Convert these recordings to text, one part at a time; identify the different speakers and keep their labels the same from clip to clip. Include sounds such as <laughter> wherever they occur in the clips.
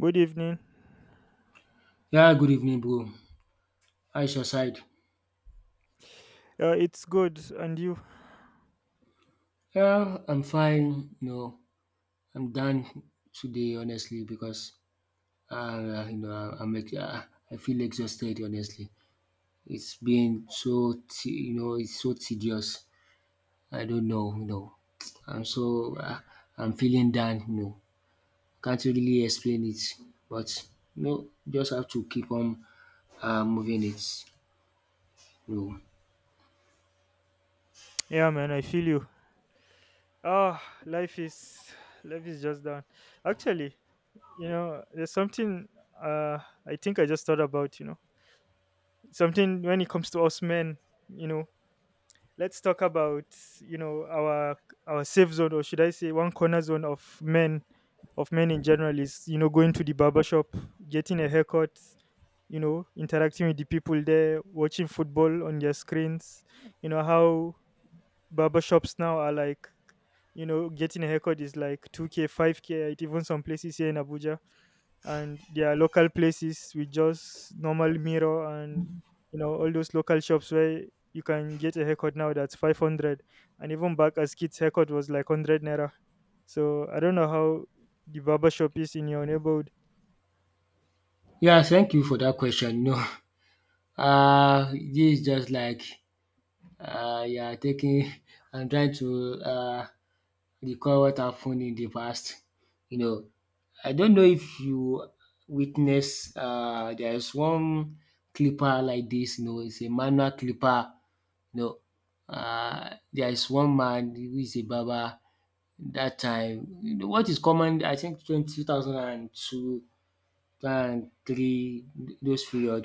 Speaker 1: Good evening.
Speaker 2: Yeah, good evening, bro. How is your side?
Speaker 1: It's good, and you?
Speaker 2: Yeah, I'm fine. I'm done today, honestly, because uh, you know, I- I'm ex- uh, I feel exhausted, honestly. It's been it's so tedious. I don't know. I'm so uh, I'm feeling down. Can't really explain it, but just have to keep on moving it. You know.
Speaker 1: Yeah, man, I feel you. Ah, life is just down. Actually, there's something uh I think I just thought about. Something when it comes to us men. You know, let's talk about you know our our safe zone, or should I say, one corner zone of men, in general is going to the barber shop, getting a haircut, interacting with the people there, watching football on their screens. You know how barbershops now are like, getting a haircut is like 2K, 5K at even some places here in Abuja. And there are local places with just normal mirror and all those local shops where you can get a haircut now that's 500. And even back as kids, haircut was like 100 naira. So I don't know how the barber shop is in your neighborhood.
Speaker 2: Yeah, thank you for that question. <laughs> This is just like you are taking <laughs> and trying to recall what happened in the past. You know, I don't know if you witness there is one clipper like this. It's a manual clipper. You know, there is one man who is a barber that time. What is common? I think 20, 2002, and three, those period.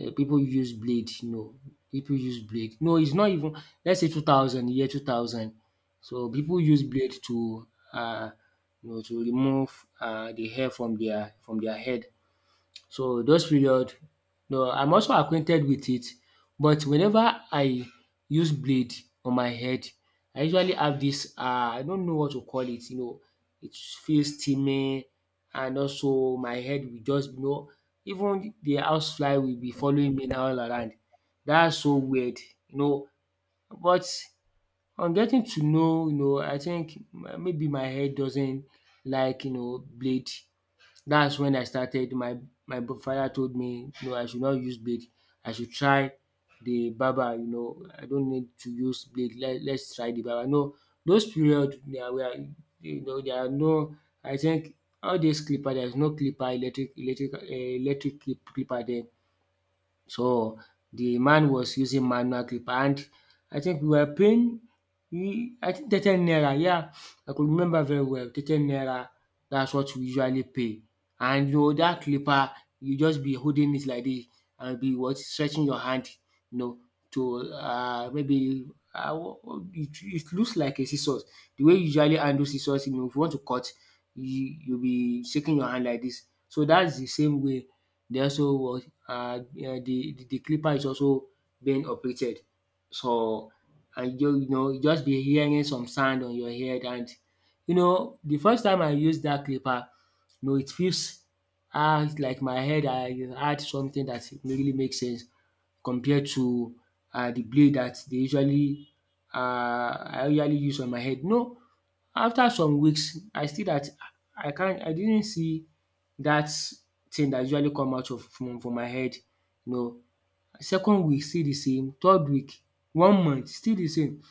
Speaker 2: Pipu use blade, you know, pipu use blade. No, it's not even, let's say 2000 year 2000. So people use blade to uh, you know to remove the hair from their head. So those period, no, I'm also acquainted with it. But whenever I use blade on my head, I usually have this, I don't know what to call it, it feels steaming. And also my head will just, even the housefly will be following me now all around. That's so weird, you know but on getting to know, I think maybe my head doesn't like, blade. That's when I started. My father told me no, I should not use blade. I should try the barber. I don't need to use blade. Let's try the barber. No, those period there were. There are no. I think all this clipper. There is no clipper, electric clipper there. So, the man was using manual clipper, and I think we were paying, we I think 30 naira. Yeah, I could remember very well, 30 naira. That's what we usually pay. And you know that clipper, you just be holding it like this and be what stretching your hand, you know to maybe, uh it looks like a scissors. The way you usually handle scissors, if you want to cut, you be shaking your hand like this. So that's the same way they also was. The clipper is also being operated. So, and you know, you just be hearing some sound on your head. And you know, the first time I used that clipper, you know it feels, ah, like my head I had something that really makes sense, compared to the blade that they usually I usually use on my head. No, after some weeks I see that, I didn't see that's thing that usually come out of, from my head, you know. Second week still the same, third week, one month still the same.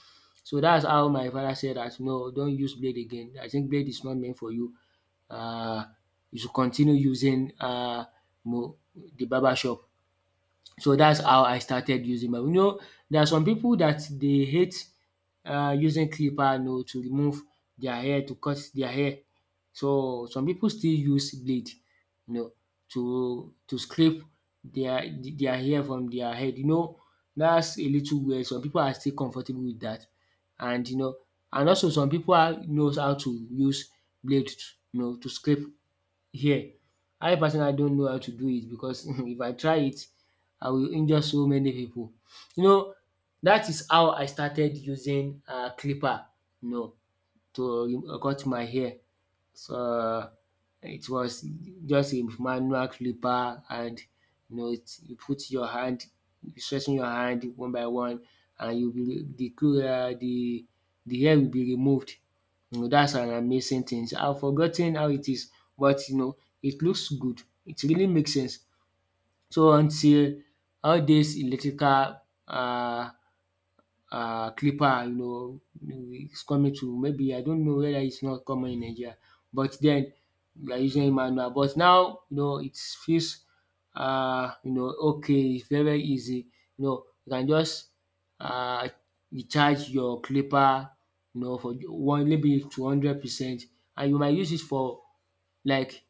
Speaker 2: So that's how my father said that. “No, don't use blade again, I think blade is not meant for you. Uh, you should continue using the barber shop”. So that's how I started using my, there are some people that they hate using clipper, you know, to remove their hair, to cut their hair. So some people still use blade, you know, to scrape their their hair from their head, you know, that's a little weird. Some people are still comfortable with that, and and also some people are knows how to use blade, to scrape here. I personally don't know how to do it, because <laughs> if I try it, I will injure so many people. You know, that is how I started using clipper, you know, to cut my hair. So it was just a manual clipper. And it you put your hand, you stretching your hand one by one. And you will the clo the hair will be removed. You know that's an amazing thing. So, I've forgotten how it is, but it looks good. It really makes sense. So until all these electrical um clipper, you know, it's coming to, maybe I don't know whether it's not common in Nigeria, but then we are using manual. But now, you know, it feels, uh, you know okay, it's very very easy. You know, you can just uh recharge your clipper, you know, for 1 maybe 200%, and you might use it for like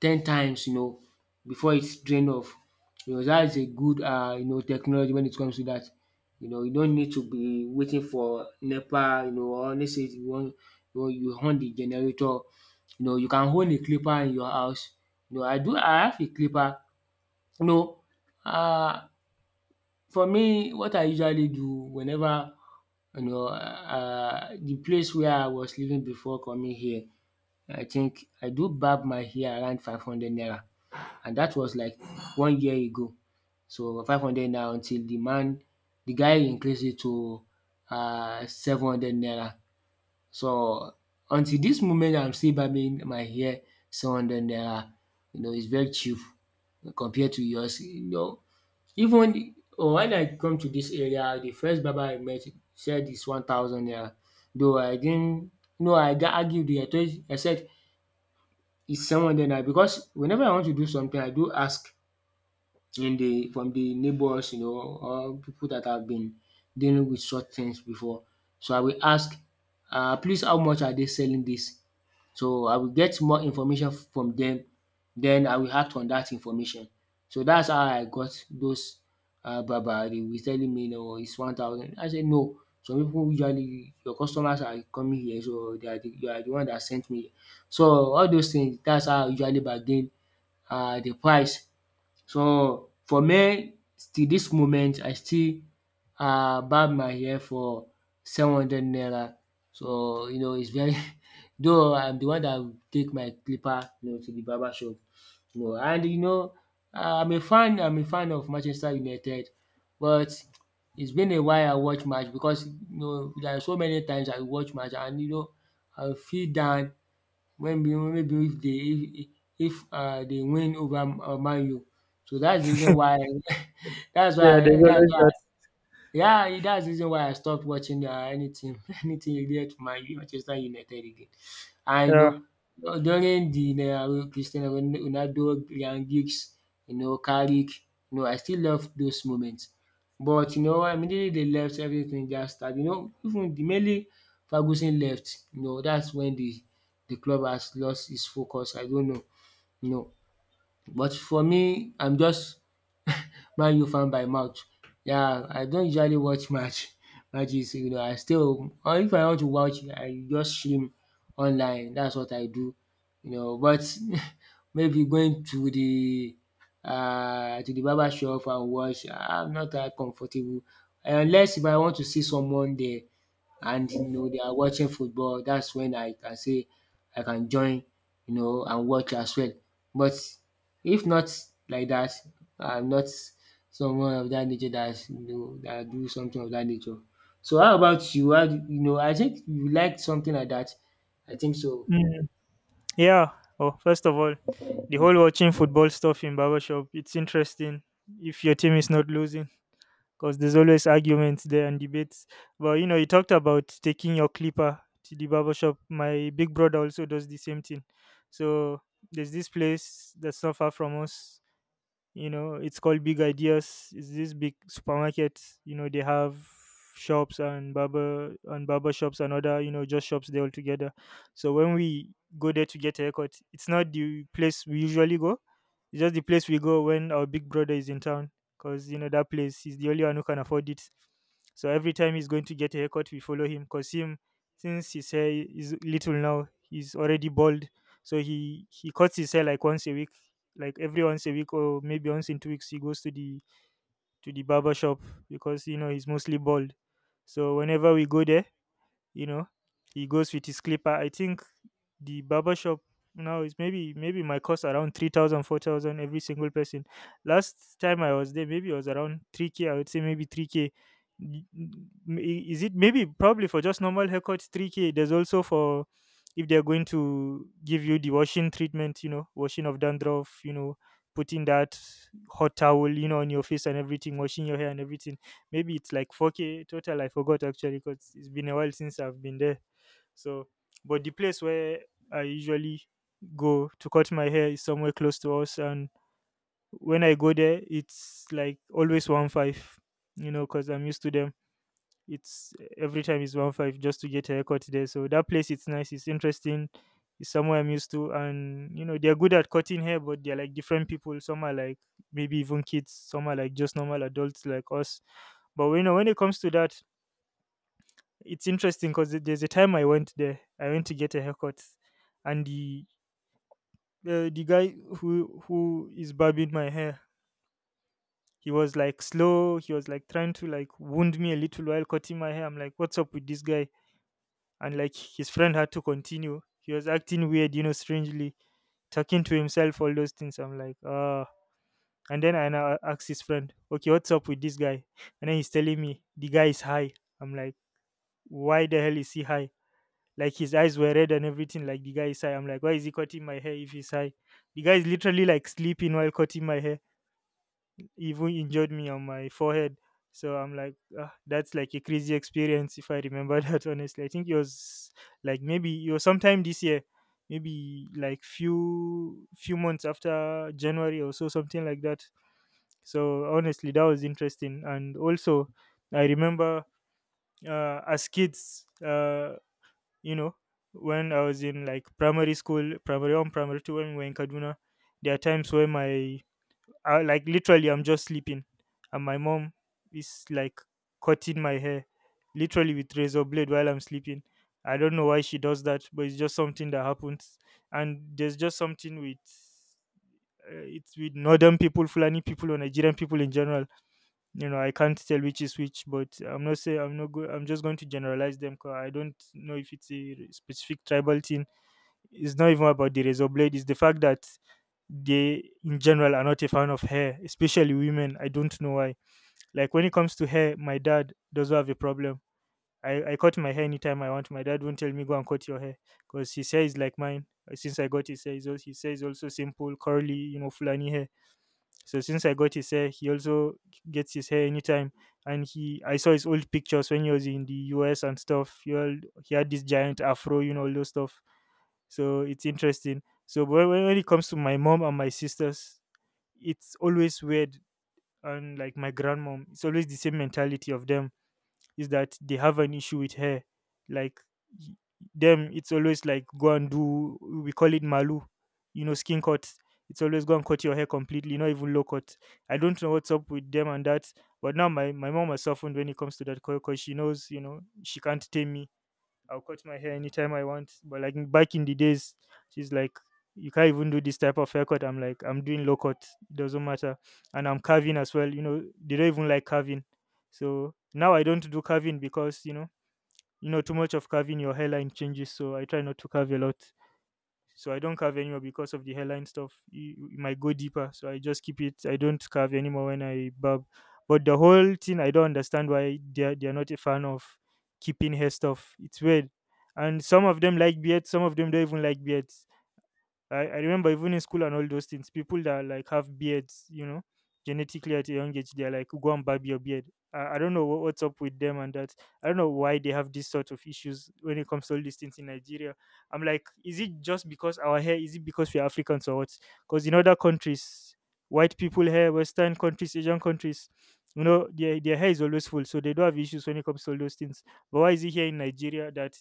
Speaker 2: 10 times, you know, before it's drained off. You know that is a good, technology when it comes to that. You know you don't need to be waiting for NEPA, or let's say you want, you on the generator. You know you can own a clipper in your house. You know, I have a clipper. You know, Uh, for me what I usually do, whenever the place where I was living before coming here, I think I do barb my hair around 500 naira, and that was like one year ago. So 500 naira until the guy increased it to 700 naira. So until this moment I'm still barbing my hair 700 naira. You know it's very cheap compared to yours. You know, even, oh, when I come to this area, the first barber I met said it's 1,000 naira, though I didn't, no, I argue with him, I said, is someone there now? Because whenever I want to do something I do ask, in the from the neighbors, you know, or people that have been dealing with such things before. So I will ask, please, how much are they selling this? So I will get more information from them. Then I will act on that information. So that's how I got those, Baba. They were telling me, no, it's 1,000. I said, no. Some people usually, your customers are coming here, so they are the, you are the one that sent me. So all those things, that's how I usually bargain, the price. So for me, till this moment, I still barb my hair for 700 naira. So you know it's very. <laughs> Though I'm the one that will take my clipper, you know, to the barber shop, you know. I'm a fan of Manchester United. But it's been a while I watch match, because you know there are so many times I watch match, and I feel down when, be maybe if they, if dey win over Man U. So that's the reason why, <laughs>
Speaker 1: Yeah, there's
Speaker 2: that's why,
Speaker 1: always
Speaker 2: yeah, e, that's the reason why I stopped watching anything, <laughs> anything related to my Manchester United again. I,
Speaker 1: that.
Speaker 2: during the Cristiano Ronaldo, Ryan Giggs, Carrick, you know I still love those moments. But immediately they left, everything just started. Even the mainly Ferguson left, you know, that's when the club has lost its focus. I don't know, you know. But for me, I'm just Man U fan by mouth. Yeah, I don't usually watch match <laughs> matches, you know, I stay home, or if I want to watch I just stream online. That's what I do, you know. But <laughs> maybe going to the barber shop and watch, I'm not that comfortable, unless if I want to see someone there and you know they are watching football. That's when I can say I can join, you know, and watch as well. But if not like that, I'm not someone of that nature that, that do something of that nature. So how about you? How do, I think you like something like that. I think so.
Speaker 1: Yeah. Yeah. Oh, first of all, the whole watching football stuff in barbershop, it's interesting if your team is not losing because there's always arguments there and debates. But you talked about taking your clipper to the barbershop. My big brother also does the same thing. So there's this place that's not far from us. It's called Big Ideas. It's this big supermarket. They have shops and barber shops and other just shops there all together. So when we go there to get a haircut, it's not the place we usually go. It's just the place we go when our big brother is in town, because that place, he's the only one who can afford it. So every time he's going to get a haircut, we follow him because him, since his hair is little now, he's already bald. So he cuts his hair like once a week, like every once a week, or maybe once in 2 weeks. He goes to the barber shop because he's mostly bald. So whenever we go there, you know he goes with his clipper, I think. The barber shop now is maybe my cost around 3,000, 4,000 every single person. Last time I was there, maybe it was around 3K. I would say maybe 3K Y- k. Mm, is it maybe probably for just normal haircuts 3K? There's also for if they're going to give you the washing treatment, washing of dandruff, putting that hot towel on your face and everything, washing your hair and everything. Maybe it's like 4K total. I forgot actually because it's been a while since I've been there. So, but the place where I usually go to cut my hair is somewhere close to us. And when I go there, it's like always 1 5, because I'm used to them. It's every time it's one five just to get a haircut there. So that place, it's nice, it's interesting, it's somewhere I'm used to, and they're good at cutting hair, but they're like different people. Some are like maybe even kids, some are like just normal adults like us. But when it comes to that, it's interesting because there's a time I went there, I went to get a haircut, and the guy who is barbing my hair, he was like slow, he was like trying to like wound me a little while cutting my hair. I'm like, what's up with this guy? And like his friend had to continue. He was acting weird, strangely, talking to himself, all those things. I'm like, ah. And then I now asked his friend, okay, what's up with this guy? And then he's telling me the guy is high. I'm like, why the hell is he high? Like his eyes were red and everything. Like the guy is high. I'm like, why is he cutting my hair if he's high? The guy is literally like sleeping while cutting my hair, even injured me on my forehead. So I'm like, ah, that's like a crazy experience if I remember <laughs> that honestly. I think it was like maybe it was sometime this year, maybe like few months after January or so, something like that. So honestly, that was interesting. And also, I remember as kids, you know, when I was in like primary school, primary one, primary two, when we were in Kaduna, there are times where my I, like literally I'm just sleeping and my mom is like cutting my hair literally with razor blade while I'm sleeping. I don't know why she does that, but it's just something that happens. And there's just something with it's with northern people, Fulani people, or Nigerian people in general. I can't tell which is which, but I'm not saying, I'm not go- I'm just going to generalize them because I don't know if it's a specific tribal thing. It's not even about the razor blade, it's the fact that they in general are not a fan of hair, especially women. I don't know why. Like when it comes to hair, my dad doesn't have a problem. I cut my hair anytime I want. My dad won't tell me go and cut your hair because his hair is like mine. Since I got his hair, his hair is also simple, curly, flani hair. So since I got his hair, he also gets his hair anytime. And I saw his old pictures when he was in the US and stuff. He had this giant afro, all those stuff. So it's interesting. So but when it comes to my mom and my sisters, it's always weird. And like my grandmom, it's always the same mentality of them, is that they have an issue with hair. Like y- them, it's always like go and do, we call it malu, skin cut. It's always go and cut your hair completely, not even low cut. I don't know what's up with them and that. But now my mom has softened when it comes to that because she knows, she can't tame me. I'll cut my hair anytime I want. But like back in the days, she's like, you can't even do this type of haircut. I'm like, I'm doing low cut. It doesn't matter. And I'm carving as well. You know, they don't even like carving. So now I don't do carving because, too much of carving, your hairline changes. So I try not to carve a lot, so I don't carve anymore because of the hairline stuff. It might go deeper, so I just keep it. I don't carve anymore when I barb. But the whole thing, I don't understand why they're not a fan of keeping hair stuff. It's weird, and some of them like beards, some of them don't even like beards. I remember even in school and all those things, people that like have beards, genetically at a young age, they're like, go and barb your beard. I don't know what's up with them and that. I don't know why they have these sort of issues when it comes to all these things in Nigeria. I'm like, is it just because our hair? Is it because we're Africans or what? Because in other countries, white people hair, Western countries, Asian countries, their hair is always full. So they don't have issues when it comes to all those things. But why is it here in Nigeria that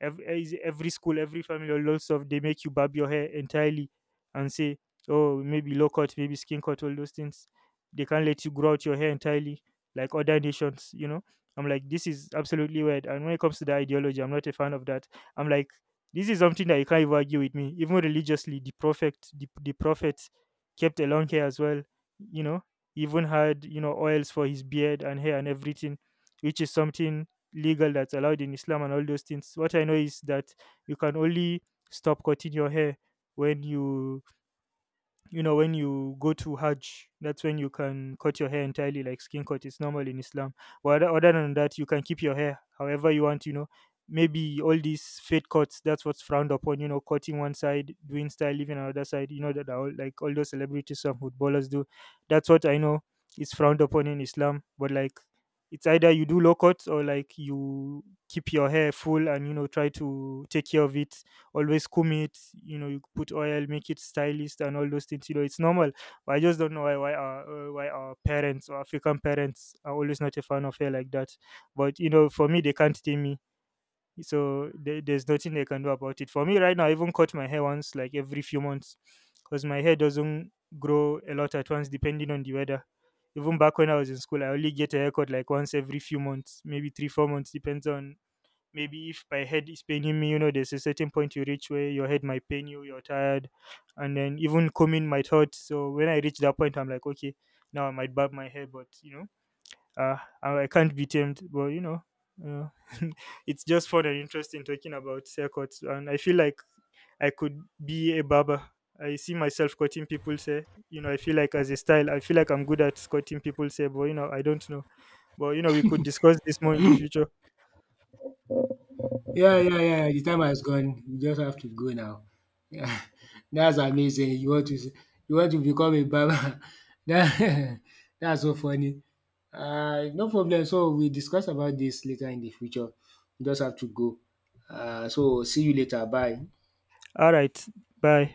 Speaker 1: every school, every family, all those stuff, they make you barb your hair entirely and say, oh, maybe low cut, maybe skin cut, all those things. They can't let you grow out your hair entirely like other nations. I'm like, this is absolutely weird, and when it comes to the ideology, I'm not a fan of that. I'm like, this is something that you can't even argue with me. Even religiously, the prophet kept a long hair as well. you know He even had oils for his beard and hair and everything, which is something legal, that's allowed in Islam and all those things. What I know is that you can only stop cutting your hair when you go to Hajj. That's when you can cut your hair entirely, like skin cut. It's normal in Islam. But other than that, you can keep your hair however you want. Maybe all these fade cuts. That's what's frowned upon. Cutting one side, doing style, leaving another side. You know that are all, like all those celebrities and footballers do. That's what I know is frowned upon in Islam. But like it's either you do low cuts or like you keep your hair full and try to take care of it, always comb it, you put oil, make it stylist and all those things, it's normal. But I just don't know why our parents or African parents are always not a fan of hair like that. But for me, they can't tame me. So there's nothing they can do about it for me right now. I even cut my hair once like every few months because my hair doesn't grow a lot at once, depending on the weather. Even back when I was in school, I only get a haircut like once every few months, maybe 3-4 months, depends on, maybe if my head is paining me. There's a certain point you reach where your head might pain you, you're tired, and then even combing might hurt. So when I reach that point, I'm like, okay, now I might barb my hair. But uh, I can't be tamed. But uh, <laughs> it's just fun and interesting talking about haircuts, and I feel like I could be a barber. I see myself cutting people's hair. I feel like as a style, I feel like I'm good at cutting people's hair, but I don't know. But we could discuss this more in the future.
Speaker 2: Yeah, yeah, yeah. The time has gone. You just have to go now. Yeah, <laughs> that's amazing. You want to become a barber. <laughs> That, <laughs> that's so funny. No problem. So we discuss about this later in the future. You just have to go. So see you later. Bye.
Speaker 1: All right, bye.